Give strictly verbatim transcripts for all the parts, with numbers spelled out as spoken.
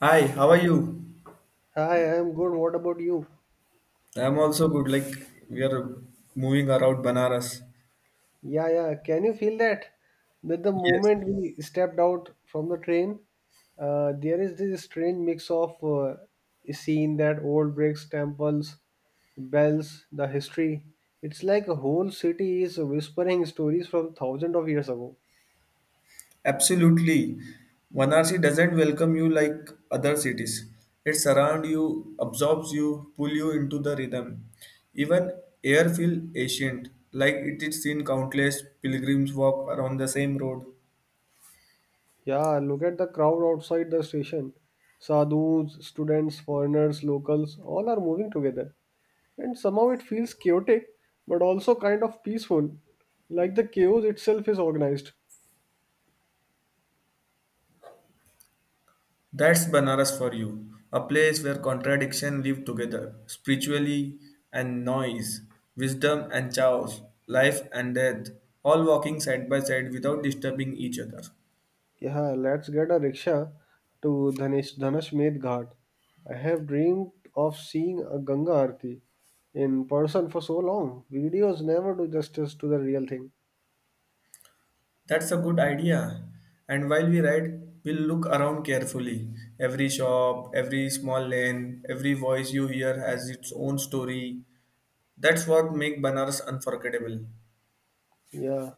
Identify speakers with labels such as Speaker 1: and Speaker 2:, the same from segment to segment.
Speaker 1: Hi, how are you?
Speaker 2: Hi, I'm good. What about you?
Speaker 1: I'm also good. Like we are moving around Banaras.
Speaker 2: Yeah, yeah. Can you feel that? That the
Speaker 1: Yes,
Speaker 2: moment we stepped out from the train, uh, there is this strange mix of uh, scene that old bricks, temples, bells, the history. It's like a whole city is whispering stories from thousands of years ago.
Speaker 1: absolutely. Varanasi doesn't welcome you like other cities. It surrounds you, absorbs you, pull you into the rhythm. Even air feel ancient, like it is seen countless pilgrims walk around the same road.
Speaker 2: Yeah, look at the crowd outside the station. Sadhus, students, foreigners, locals, all are moving together. And somehow it feels chaotic, but also kind of peaceful, like the chaos itself is organized.
Speaker 1: That's Banaras for you, a place where contradiction live together, spiritually and noise, wisdom and chaos, life and death, all walking side by side without disturbing each other.
Speaker 2: Yeah, let's get a rickshaw to Dhanish, Dhanashmed Ghat. I have dreamed of seeing a Ganga Aarti in person for so long. Videos never do justice to the real thing.
Speaker 1: That's a good idea. And while we ride, we'll look around carefully. Every shop, every small lane, every voice you hear has its own story. That's what makes Banaras unforgettable.
Speaker 2: Yeah.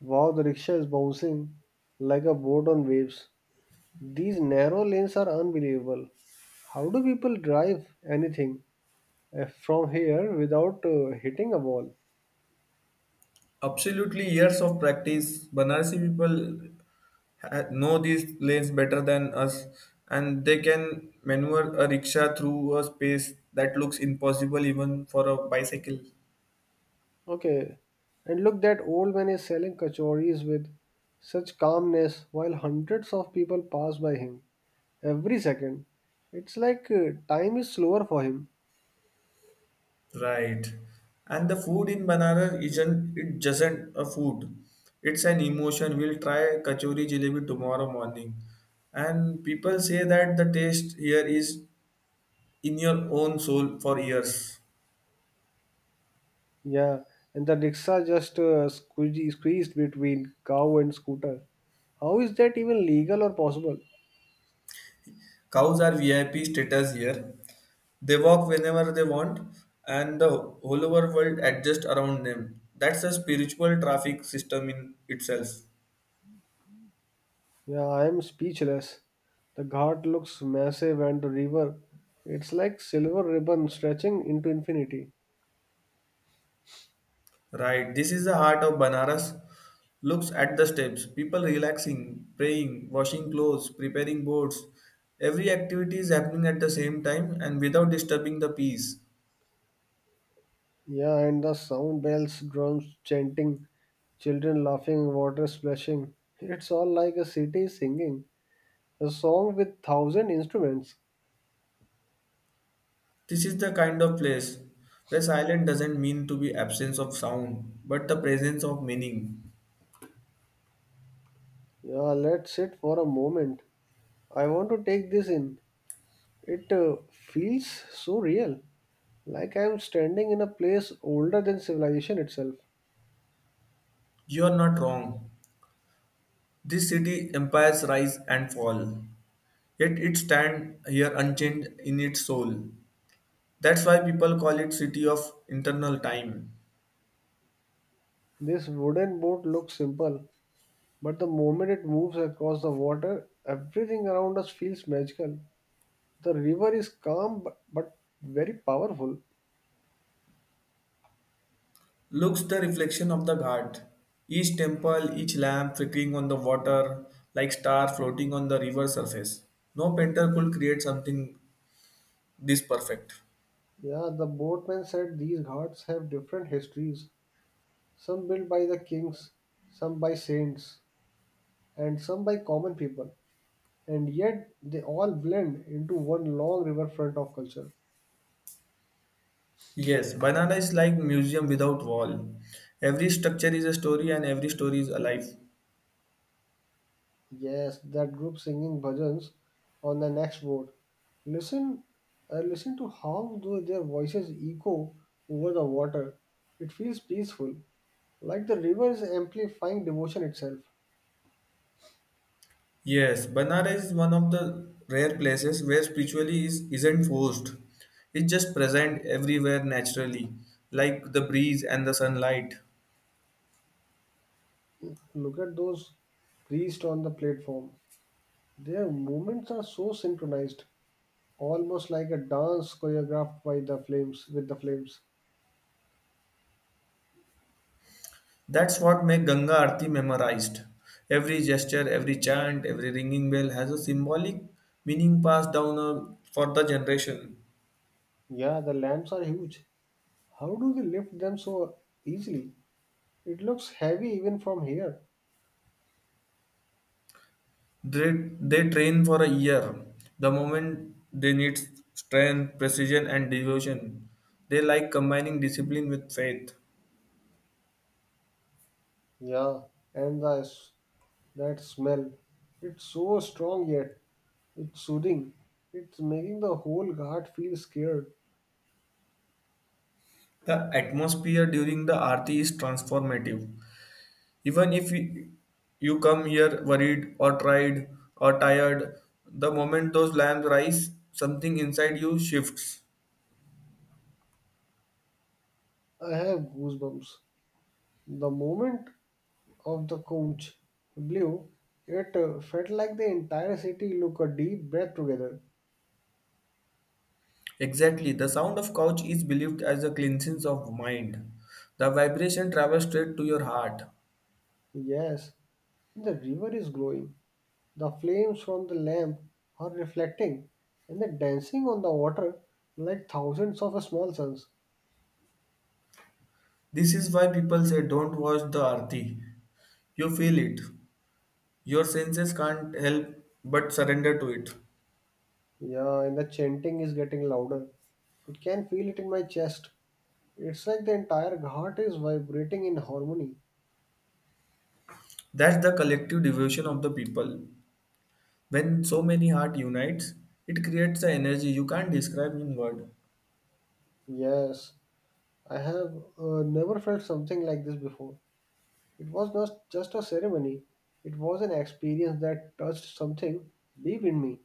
Speaker 2: Wow, the rickshaw is bouncing like a boat on waves. These narrow lanes are unbelievable. How do people drive anything uh, from here without uh, hitting a wall?
Speaker 1: Absolutely, years of practice. Banarsi people ha- know these lanes better than us, and they can maneuver a rickshaw through a space that looks impossible even for a bicycle.
Speaker 2: Okay. And look, that old man is selling kachoris with such calmness while hundreds of people pass by him every second. It's like uh, time is slower for him.
Speaker 1: Right. And the food in Banaras isn't it doesn't a food. It's an emotion. We'll try kachori jalebi tomorrow morning. And people say that the taste here is in your own soul for years.
Speaker 2: Yeah. And the rickshaw just uh, squeegee- squeezed between cow and scooter. How is that even legal or possible?
Speaker 1: Cows are V I P status here. They walk whenever they want, and the whole over world adjusts around them. That's a spiritual traffic system in itself.
Speaker 2: Yeah, I am speechless. The ghat looks massive and the river, it's like silver ribbon stretching into infinity.
Speaker 1: Right, this is the heart of Banaras. Looks at the steps, people relaxing, praying, washing clothes, preparing boats. Every activity is happening at the same time and without disturbing the peace.
Speaker 2: Yeah, and the sound bells, drums chanting, children laughing, water splashing. It's all like a city singing a song with thousand instruments.
Speaker 1: This is the kind of place where silence doesn't mean to be absence of sound, but the presence of meaning.
Speaker 2: Yeah, let's sit for a moment. I want to take this in. It uh, feels so real, like I am standing in a place older than civilization itself.
Speaker 1: You are not wrong. This city empires rise and fall, yet it stands here unchanged in its soul. That's why people call it city of internal time.
Speaker 2: This wooden boat looks simple, but the moment it moves across the water, everything around us feels magical. The river is calm bu- but very powerful.
Speaker 1: Looks the reflection of the ghat. Each temple, each lamp flickering on the water like star floating on the river surface. No painter could create something this perfect.
Speaker 2: Yeah, the boatman said these ghats have different histories, some built by the kings, some by saints, and some by common people, and yet they all blend into one long riverfront of culture.
Speaker 1: Yes, banana is like museum without wall. Every structure is a story and every story is alive.
Speaker 2: Yes, that group singing bhajans on the next boat. Listen, uh, listen to how tho- their voices echo over the water. It feels peaceful, like the river is amplifying devotion itself.
Speaker 1: Yes, Banaras is one of the rare places where spirituality is, isn't forced. It's just present everywhere naturally, like the breeze and the sunlight.
Speaker 2: Look at those priests on the platform. Their movements are so synchronized, almost like a dance choreographed by the flames with the flames.
Speaker 1: That's what makes Ganga Aarti memorized. Every gesture, every chant, every ringing bell has a symbolic meaning passed down uh, for the generation.
Speaker 2: Yeah, the lamps are huge. How do they lift them so easily? It looks heavy even from here.
Speaker 1: They, they train for a year. The moment they need strength, precision, and devotion, they like combining discipline with faith.
Speaker 2: Yeah, and the s- that smell. It's so strong yet it's soothing. It's making the whole heart feel scared.
Speaker 1: The atmosphere during the Aarti is transformative. Even if you you come here worried or tried or tired, the moment those lamps rise, something inside you shifts.
Speaker 2: I have goosebumps. The moment of the conch blew, it uh, felt like the entire city took a deep breath together.
Speaker 1: Exactly, the sound of couch is believed as a cleansing of mind. The vibration travels straight to your heart.
Speaker 2: Yes, the river is glowing. The flames from the lamp are reflecting and they're dancing on the water like thousands of small suns.
Speaker 1: This is why people say don't watch the Aarti. You feel it. Your senses can't help but surrender to it.
Speaker 2: Yeah, and the chanting is getting louder. It can feel it in my chest. It's like the entire ghat is vibrating in harmony.
Speaker 1: That's the collective devotion of the people. When so many heart unites, it creates an energy you can't describe in word.
Speaker 2: Yes, I have uh, never felt something like this before. It was not just a ceremony, it was an experience that touched something deep in me.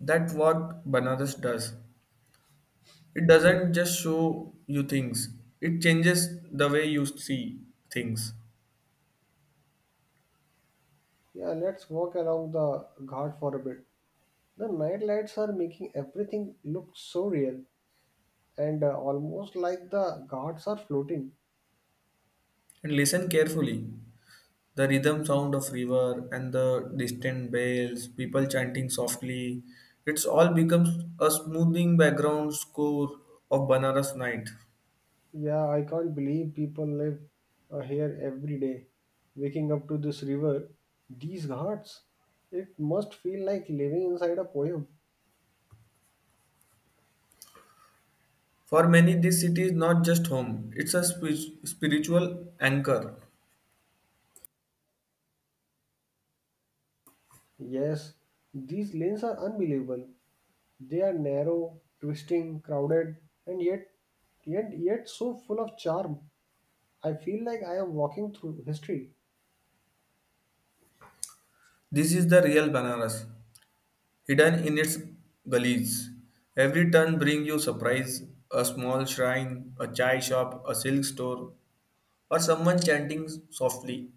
Speaker 1: That's what Banaras does. It doesn't just show you things. It changes the way you see things.
Speaker 2: Yeah, let's walk along the ghat for a bit. The night lights are making everything look so real and uh, almost like the gods are floating.
Speaker 1: And listen carefully. The rhythm sound of river and the distant bells, people chanting softly. It's all becomes a smoothing background score of Banaras night.
Speaker 2: Yeah, I can't believe people live uh, here every day. Waking up to this river, these ghats, it must feel like living inside a poem.
Speaker 1: For many, this city is not just home. It's a spi- spiritual anchor.
Speaker 2: Yes, these lanes are unbelievable. They are narrow, twisting, crowded, and yet, yet, yet so full of charm. I feel like I am walking through history.
Speaker 1: This is the real Banaras, hidden in its gullies. Every turn brings you surprise, a small shrine, a chai shop, a silk store, or someone chanting softly.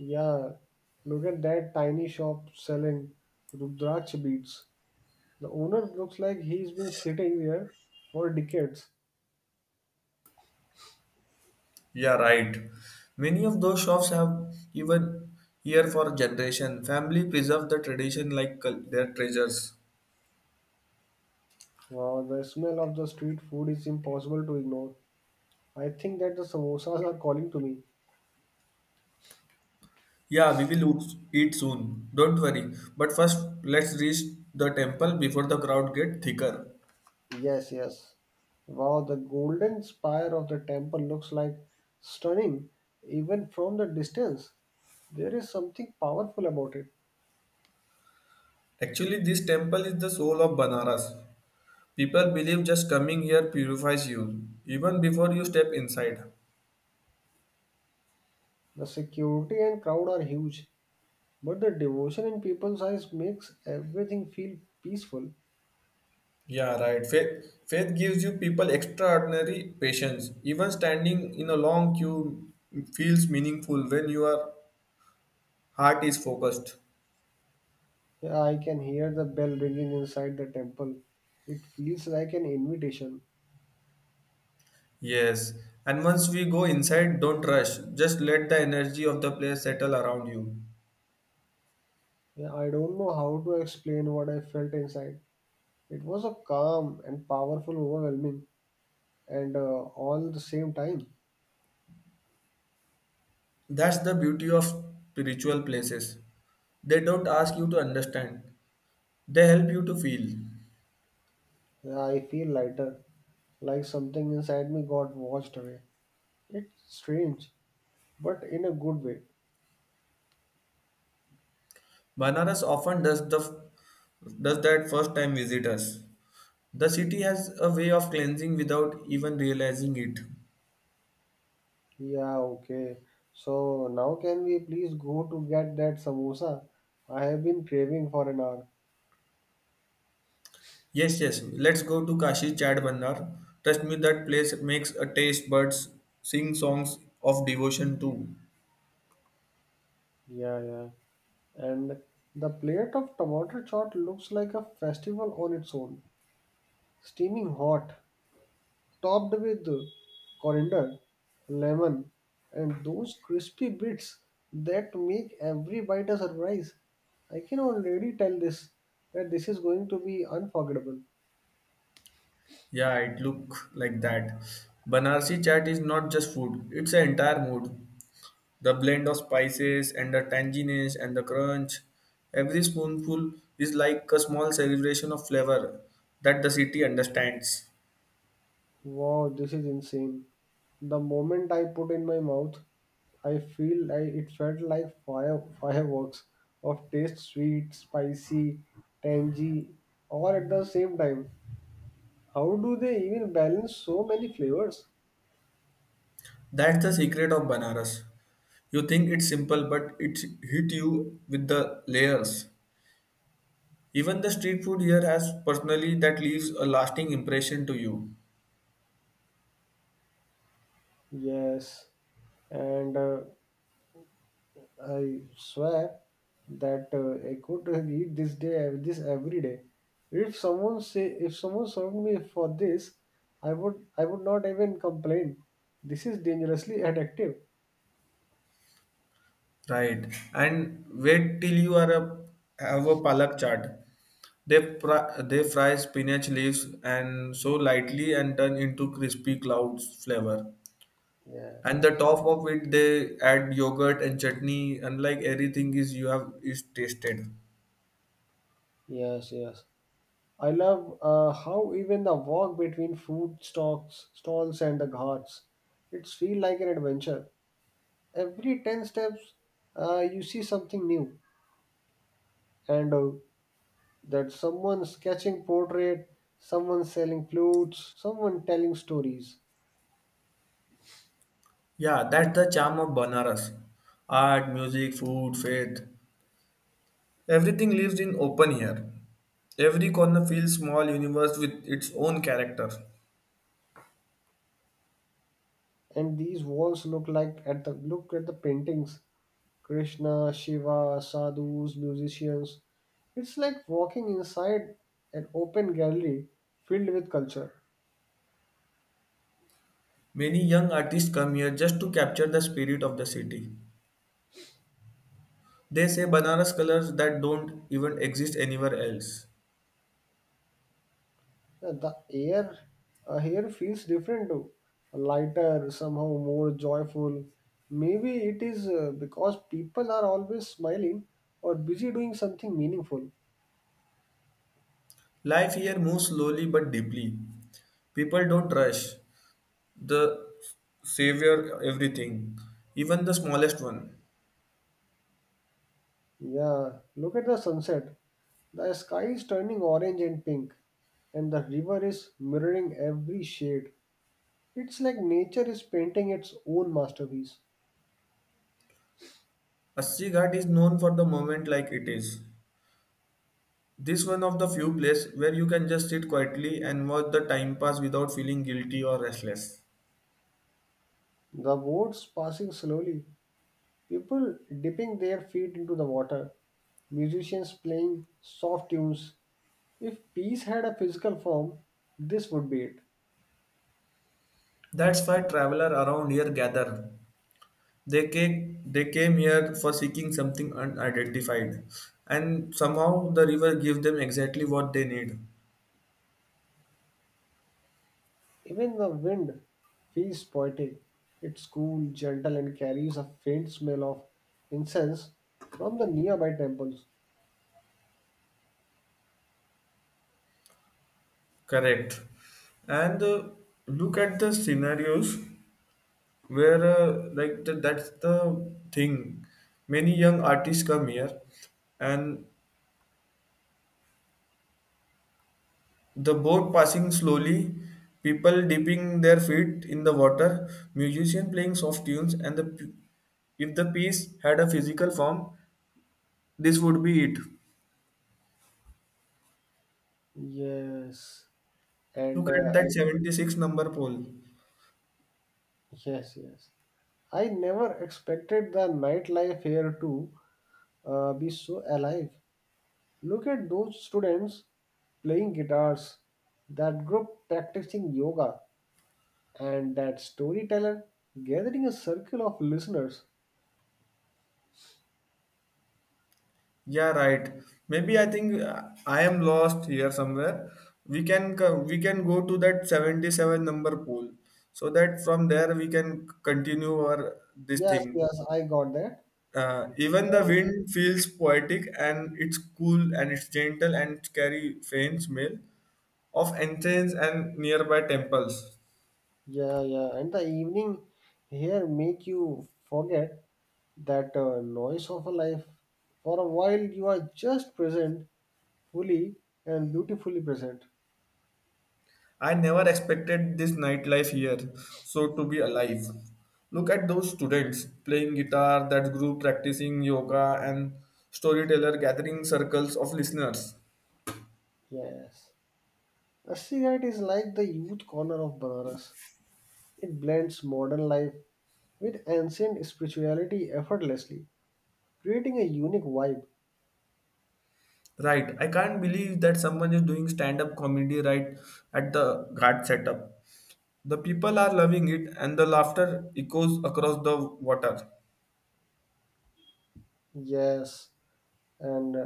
Speaker 2: Yeah, look at that tiny shop selling Rudraksh beads. The owner looks like he's been sitting there for decades.
Speaker 1: Yeah, right. Many of those shops have even here for generation. Family preserve the tradition like cul- their treasures.
Speaker 2: Wow, the smell of the street food is impossible to ignore. I think that the samosas are calling to me.
Speaker 1: Yeah, we will oot- eat soon. Don't worry. But first, let's reach the temple before the crowd get thicker.
Speaker 2: Yes, yes. Wow, the golden spire of the temple looks like stunning even from the distance. There is something powerful about it.
Speaker 1: Actually, this temple is the soul of Banaras. People believe just coming here purifies you, even before you step inside.
Speaker 2: The security and crowd are huge. But the devotion in people's eyes makes everything feel peaceful.
Speaker 1: Yeah, right. Faith, faith gives you people extraordinary patience. Even standing in a long queue feels meaningful when your heart is focused.
Speaker 2: Yeah, I can hear the bell ringing inside the temple. It feels like an invitation.
Speaker 1: Yes, and once we go inside, don't rush. Just let the energy of the place settle around you.
Speaker 2: Yeah, I don't know how to explain what I felt inside. It was a calm and powerful, overwhelming, and uh, all the same time.
Speaker 1: That's the beauty of spiritual places. They don't ask you to understand, they help you to feel.
Speaker 2: Yeah, I feel lighter, like something inside me got washed away. It's strange, but in a good way.
Speaker 1: Banaras often does the does that first time visitors. The city has a way of cleansing without even realizing it.
Speaker 2: Yeah, okay. So now can we please go to get that samosa? I have been craving for an hour.
Speaker 1: Yes, yes, let's go to Kashi Chad Bandar. Trust me, that place makes a taste buds sing songs of devotion too.
Speaker 2: Yeah, yeah. And the plate of tomato chaat looks like a festival on its own. Steaming hot, topped with coriander, lemon, and those crispy bits that make every bite a surprise. I can already tell this that this is going to be unforgettable.
Speaker 1: Yeah, it look like that. Banarsi chat is not just food; it's an entire mood. The blend of spices and the tanginess and the crunch. Every spoonful is like a small celebration of flavor that the city understands.
Speaker 2: Wow, this is insane. The moment I put in my mouth, I feel like it felt like fire fireworks of taste sweet, spicy, tangy, all at the same time. How do they even balance so many flavors?
Speaker 1: That's the secret of Banaras. You think it's simple, but it hit you with the layers. Even the street food here has personally that leaves a lasting impression to you.
Speaker 2: Yes, and uh, I swear that uh, I could eat this day this every day. If someone say if someone served me for this, I would I would not even complain. This is dangerously addictive.
Speaker 1: Right. And wait till you are a have a palak chaat. They fry, they fry spinach leaves and so lightly and turn into crispy clouds flavor.
Speaker 2: Yes,
Speaker 1: And the
Speaker 2: yes,
Speaker 1: top of it they add yogurt and chutney, unlike everything is you have is tasted.
Speaker 2: yes. Yes. I love uh, how even the walk between food stalls, stalls and the ghats, it's feel like an adventure. Every ten steps, uh, you see something new, and uh, that someone sketching portrait, someone selling flutes, someone telling stories.
Speaker 1: Yeah, that's the charm of Banaras. Art, music, food, faith. Everything lives in open air. Every corner feels small universe with its own character.
Speaker 2: And these walls look like at the look at the paintings. Krishna, Shiva, sadhus, musicians. It's like walking inside an open gallery filled with culture.
Speaker 1: Many young artists come here just to capture the spirit of the city. They say Banaras colors that don't even exist anywhere else.
Speaker 2: Yeah, the air uh, here feels different too, lighter, somehow more joyful. Maybe it is uh, because people are always smiling or busy doing something meaningful.
Speaker 1: Life here moves slowly but deeply. People don't rush. The savior everything, even the smallest one.
Speaker 2: Yeah, look at the sunset. The sky is turning orange and pink, and the river is mirroring every shade. It's like nature is painting its own masterpiece.
Speaker 1: Assi Ghat is known for the moment like it is. This one of the few places where you can just sit quietly and watch the time pass without feeling guilty or restless.
Speaker 2: The boats passing slowly, people dipping their feet into the water, musicians playing soft tunes. If peace had a physical form, this would be it.
Speaker 1: That's why travelers around here gather. they came they came here for seeking something unidentified, and somehow the river gave them exactly what they need.
Speaker 2: Even the wind feels poetic. It's cool, gentle, and carries a faint smell of incense from the nearby temples.
Speaker 1: Correct. And uh, look at the scenarios where uh, like the, that's the thing, many young artists come here, and the boat passing slowly, people dipping their feet in the water, musician playing soft tunes, and the p- if the piece had a physical form, this would be it.
Speaker 2: Yes, and
Speaker 1: Look at
Speaker 2: uh,
Speaker 1: that
Speaker 2: I-
Speaker 1: seventy-six number pole.
Speaker 2: yes, yes. I never expected the nightlife here to uh, be so alive. Look at those students playing guitars, that group practicing yoga, and that storyteller gathering a circle of listeners.
Speaker 1: Yeah, right. Maybe I think uh, I am lost here somewhere. We can co- we can go to that seventy-seven number pole, so that from there we can continue our this
Speaker 2: Yes,
Speaker 1: thing.
Speaker 2: yes, I got that.
Speaker 1: Uh, even the wind feels poetic and it's cool and it's gentle and carry faint smell of ancients and nearby temples.
Speaker 2: Yeah, yeah, and the evening here make you forget that uh, noise of a life. For a while, you are just present, fully and beautifully present.
Speaker 1: I never expected this nightlife here, so to be alive. Look at those students playing guitar, that group practicing yoga, and storyteller gathering circles of listeners.
Speaker 2: Yes, a cigarette is like the youth corner of Banaras. It blends modern life with ancient spirituality effortlessly, creating a unique vibe.
Speaker 1: Right, I can't believe that someone is doing stand up comedy right at the guard setup. The people are loving it, and the laughter echoes across the water.
Speaker 2: Yes, and uh,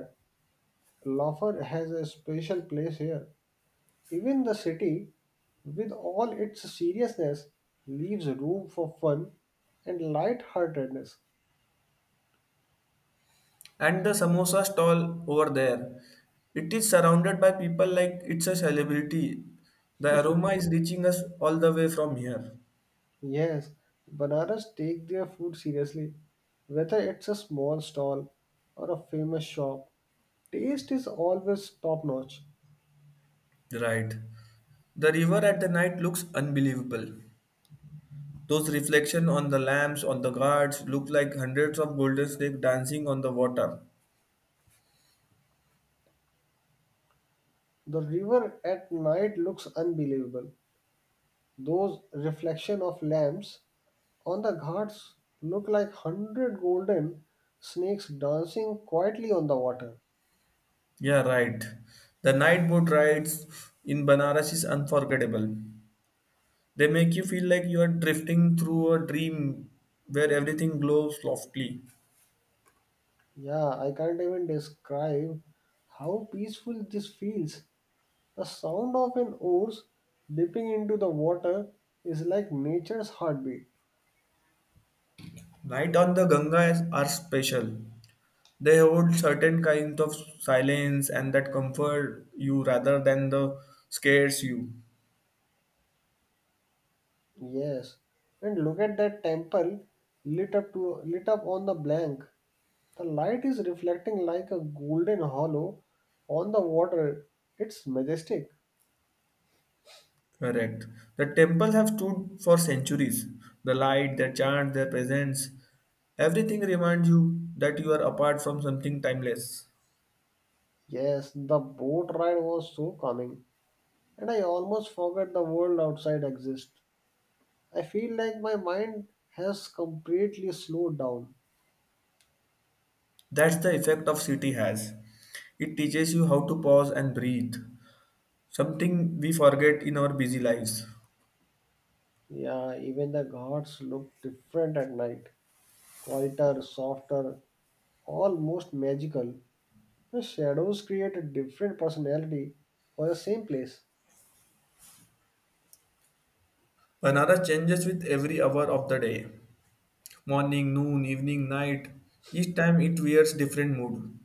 Speaker 2: Lafar has a special place here. Even the city, with all its seriousness, leaves room for fun and light-heartedness.
Speaker 1: And the samosa stall over there, it is surrounded by people like it's a celebrity. The aroma is reaching us all the way from here.
Speaker 2: Yes, Banaras take their food seriously. Whether it's a small stall or a famous shop, taste is always top-notch.
Speaker 1: Right, the river at the night looks unbelievable. Those reflections on the lamps on the guards look like hundreds of golden snakes dancing on the water.
Speaker 2: The river at night looks unbelievable. Those reflection of lamps on the ghats look like hundred golden snakes dancing quietly on the water.
Speaker 1: Yeah, right. The night boat rides in Banaras is unforgettable. They make you feel like you are drifting through a dream where everything glows softly.
Speaker 2: Yeah, I can't even describe how peaceful this feels. The sound of an oars dipping into the water is like nature's heartbeat.
Speaker 1: Night on the Ganga are special. They hold certain kinds of silence and that comfort you rather than the scares you.
Speaker 2: Yes, and look at that temple lit up to lit up on the blank. The light is reflecting like a golden hollow on the water. It's majestic.
Speaker 1: Correct. The temple have stood for centuries. The light, their chant, their presence, everything reminds you that you are apart from something timeless.
Speaker 2: Yes, the boat ride was so calming, and I almost forgot the world outside exists. I feel like my mind has completely slowed down.
Speaker 1: That's the effect of city has. It teaches you how to pause and breathe, something we forget in our busy lives.
Speaker 2: Yeah, even the gods look different at night. Quieter, softer, almost magical. The shadows create a different personality for the same place.
Speaker 1: Banaras changes with every hour of the day. Morning, noon, evening, night. Each time it wears different mood.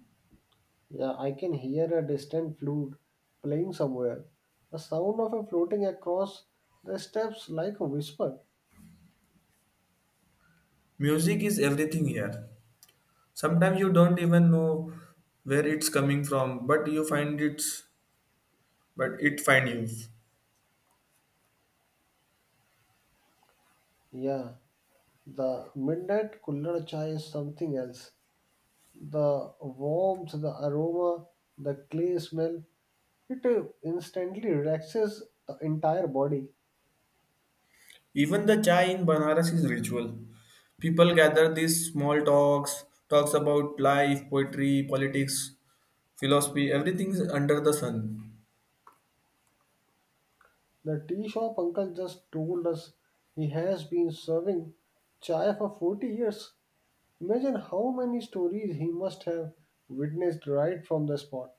Speaker 2: Yeah, I can hear a distant flute playing somewhere. The sound of it floating across the steps like a whisper.
Speaker 1: Music is everything here. Sometimes you don't even know where it's coming from, but you find it's but it find you.
Speaker 2: Yeah, the midnight cooler chai is something else. The warmth, the aroma, the clay smell, it uh, instantly relaxes the entire body.
Speaker 1: Even the chai in Banaras is ritual. People gather these small talks, talks about life, poetry, politics, philosophy, everything is under the sun.
Speaker 2: The tea shop uncle just told us he has been serving chai for forty years. Imagine how many stories he must have witnessed right from the spot.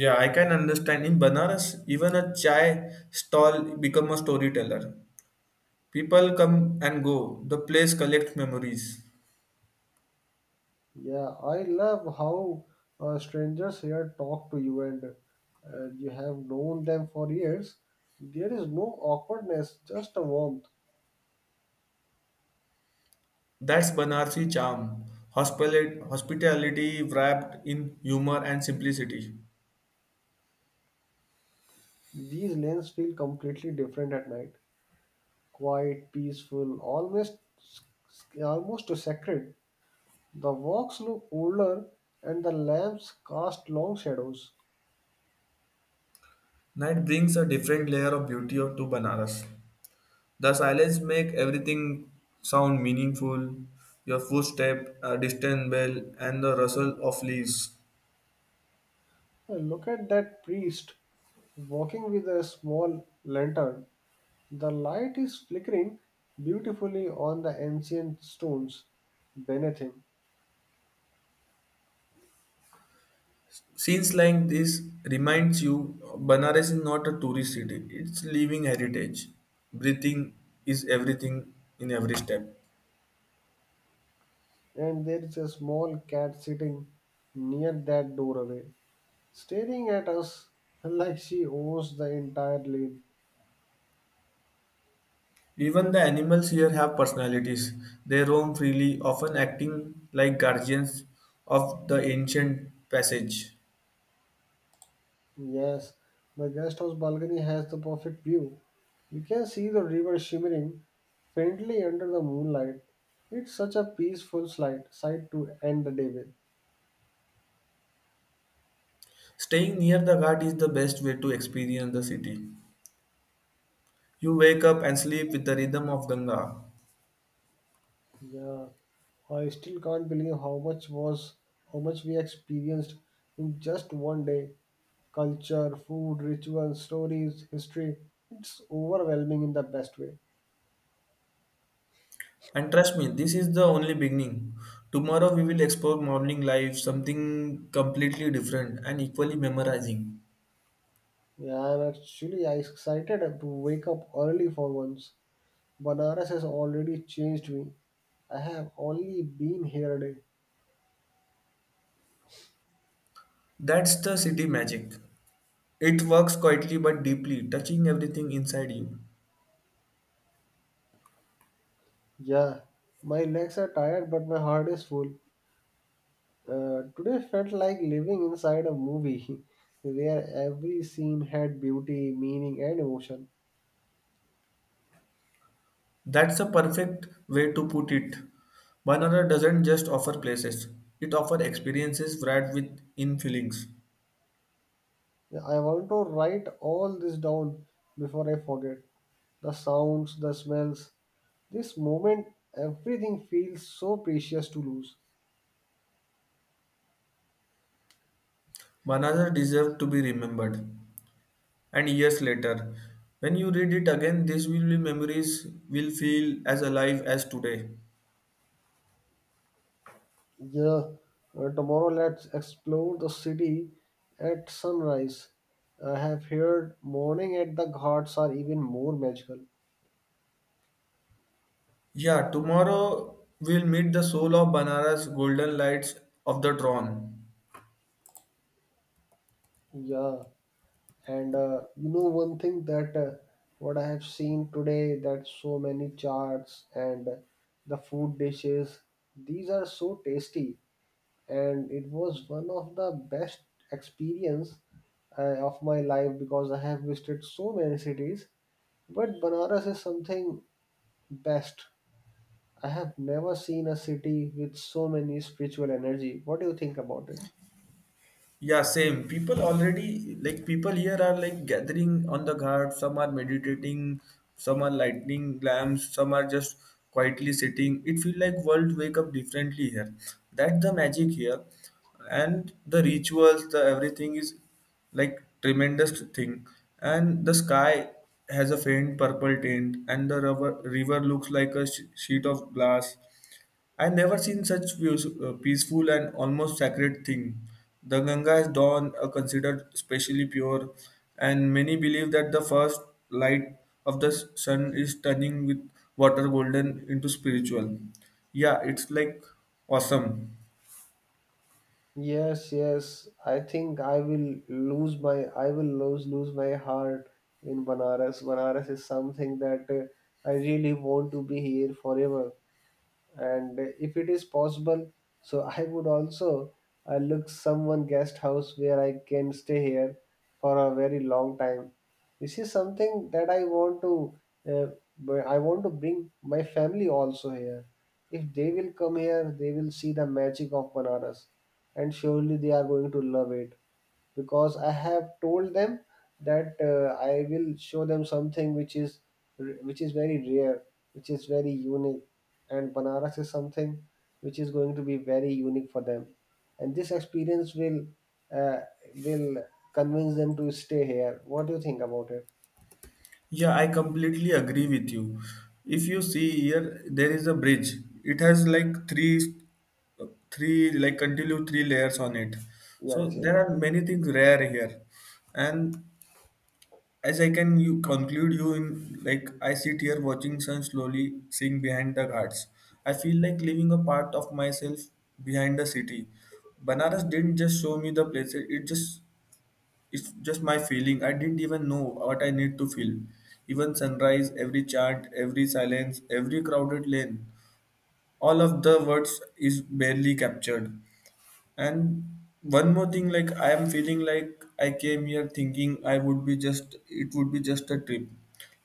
Speaker 1: Yeah, I can understand. In Banaras, even a chai stall become a storyteller. People come and go. The place collects memories.
Speaker 2: Yeah, I love how uh, strangers here talk to you and uh, you have known them for years. There is no awkwardness, just a warmth.
Speaker 1: That's Banarsi charm. Hospitali- Hospitality wrapped in humor and simplicity.
Speaker 2: These lanes feel completely different at night. Quiet, peaceful, almost almost sacred. The walks look older and the lamps cast long shadows.
Speaker 1: Night brings a different layer of beauty to Banaras. The silence make everything sound meaningful. Your footstep, a distant bell, and the rustle of leaves.
Speaker 2: I look at that priest walking with a small lantern. The light is flickering beautifully on the ancient stones beneath him,
Speaker 1: Scenes like this reminds you Banaras is not a tourist city. It's living heritage. Breathing is everything in every step.
Speaker 2: and there is a small cat sitting near that doorway, staring at us like she owns the entire lane.
Speaker 1: Even the animals here have personalities. They roam freely, often acting like guardians of the ancient passage.
Speaker 2: Yes, the guest house balcony has the perfect view. You can see the river shimmering faintly under the moonlight. It's such a peaceful sight, sight to end the day with.
Speaker 1: Staying near the Ghat is the best way to experience the city. You wake up and sleep with the rhythm of Ganga.
Speaker 2: Yeah, I still can't believe how much was how much we experienced in just one day. Culture, food, rituals, stories, history. It's overwhelming in the best way.
Speaker 1: And trust me, this is the only beginning. Tomorrow we will explore morning life, something completely different and equally memorizing.
Speaker 2: Yeah, I'm actually excited to wake up early for once. Banaras has already changed me. I have only been here a day.
Speaker 1: That's the city magic. It works quietly but deeply, touching everything inside you.
Speaker 2: Yeah, my legs are tired, but my heart is full. Uh, today felt like living inside a movie where every scene had beauty, meaning, and emotion.
Speaker 1: That's a perfect way to put it. Banana doesn't just offer places, it offers experiences wrapped within feelings.
Speaker 2: Yeah, I want to write all this down before I forget. The sounds, the smells, this moment, everything feels so precious to lose.
Speaker 1: Banana deserves to be remembered. And years later, when you read it again, these will be memories will feel as alive as today.
Speaker 2: Yeah, uh, tomorrow let's explore the city at sunrise. I have heard morning at the ghats are even more magical.
Speaker 1: Yeah, tomorrow we'll meet the soul of Banaras' golden lights of the dawn.
Speaker 2: Yeah, and uh, you know one thing that uh, what I have seen today that so many charts and the food dishes these are so tasty and it was one of the best experience uh, of my life, because I have visited so many cities but Banaras is something best. I have never seen a city with so many spiritual energy. What do you think about it?
Speaker 1: Yeah, same. People already like people here are like gathering on the ghat. Some are meditating, some are lighting lamps, some are just quietly sitting. It feel like world wake up differently here. That's the magic here, and the rituals, the everything is like tremendous thing. And the sky has a faint purple tint, and the river river looks like a sh- sheet of glass. I never seen such views, uh, peaceful and almost sacred thing. The Ganga is dawn are considered specially pure, and many believe that the first light of the s- sun is turning with water golden into spiritual. Yeah, it's like awesome.
Speaker 2: Yes, yes. I think I will lose my I will lose lose my heart in Banaras. Banaras is something that uh, I really want to be here forever, and if it is possible so I would also uh, look someone guest house where I can stay here for a very long time. This is something that I want to, uh, b- I want to bring my family also here. If they will come here they will see the magic of Banaras, and surely they are going to love it, because I have told them that uh, I will show them something which is which is very rare, which is very unique, and Banaras is something which is going to be very unique for them, and this experience will uh, will convince them to stay here. What do you think about it?
Speaker 1: Yeah, I completely agree with you. If you see here, there is a bridge. It has like three, uh, three like continue three layers on it. So
Speaker 2: Yes, yes,
Speaker 1: there are many things rare here, and as I can you conclude you in like I sit here watching sun slowly sink behind the ghats. I feel like leaving a part of myself behind the city. Banaras didn't just show me the places; it just it's just my feeling. I didn't even know what I need to feel. Even sunrise, every chant, every silence, every crowded lane, all of the words is barely captured. And one more thing, like I am feeling like I came here thinking I would be just it would be just a trip,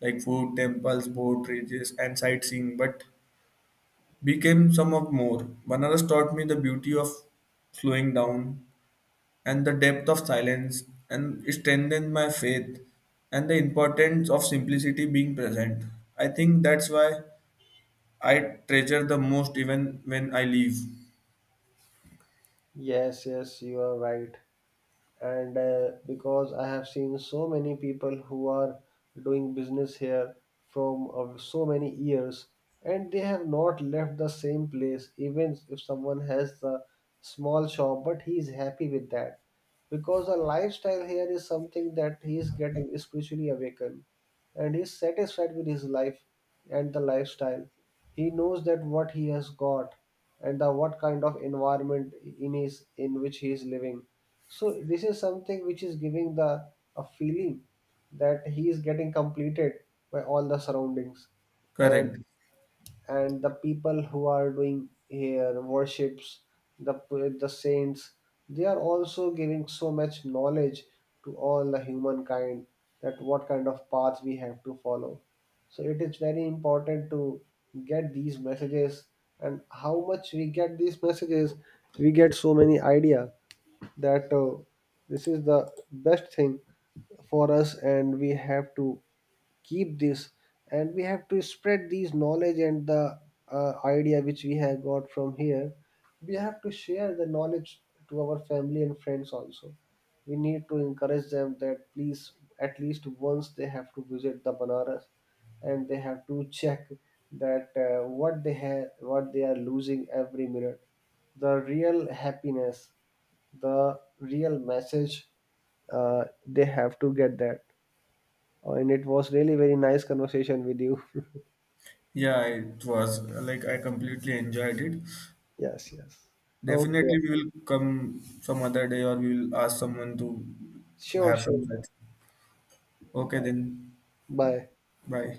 Speaker 1: like food, temples, boat races, and sightseeing, but became some of more. Banaras taught me the beauty of slowing down and the depth of silence, and it strengthened my faith and the importance of simplicity being present. I think that's why I treasure the most even when I leave.
Speaker 2: yes, yes. You are right. And uh, because I have seen so many people who are doing business here from uh, so many years, and they have not left the same place. Even if someone has the small shop, but he is happy with that, because the lifestyle here is something that he is getting spiritually awakened and is satisfied with his life and the lifestyle. He knows that what he has got and the what kind of environment in his in which he is living. So this is something which is giving the a feeling that he is getting completed by all the surroundings, and
Speaker 1: Correct.
Speaker 2: and the people who are doing here worships the p- the saints, they are also giving so much knowledge to all the humankind, that what kind of path we have to follow. So it is very important to get these messages, and how much we get these messages we get so many idea that uh, this is the best thing for us, and we have to keep this, and we have to spread these knowledge and the uh, idea which we have got from here. We have to share the knowledge to our family and friends also. We need to encourage them that please at least once they have to visit the Banaras, and they have to check that uh, what they have, what they are losing every minute. The real happiness, the real message, uh, they have to get that. Oh, and it was really very nice conversation with you.
Speaker 1: Yeah, it was like I completely enjoyed it.
Speaker 2: Yes, yes. Okay.
Speaker 1: Definitely, we will come some other day or we will ask someone to to
Speaker 2: Sure,
Speaker 1: have
Speaker 2: sure.
Speaker 1: some such. Okay, then,
Speaker 2: Bye.
Speaker 1: bye.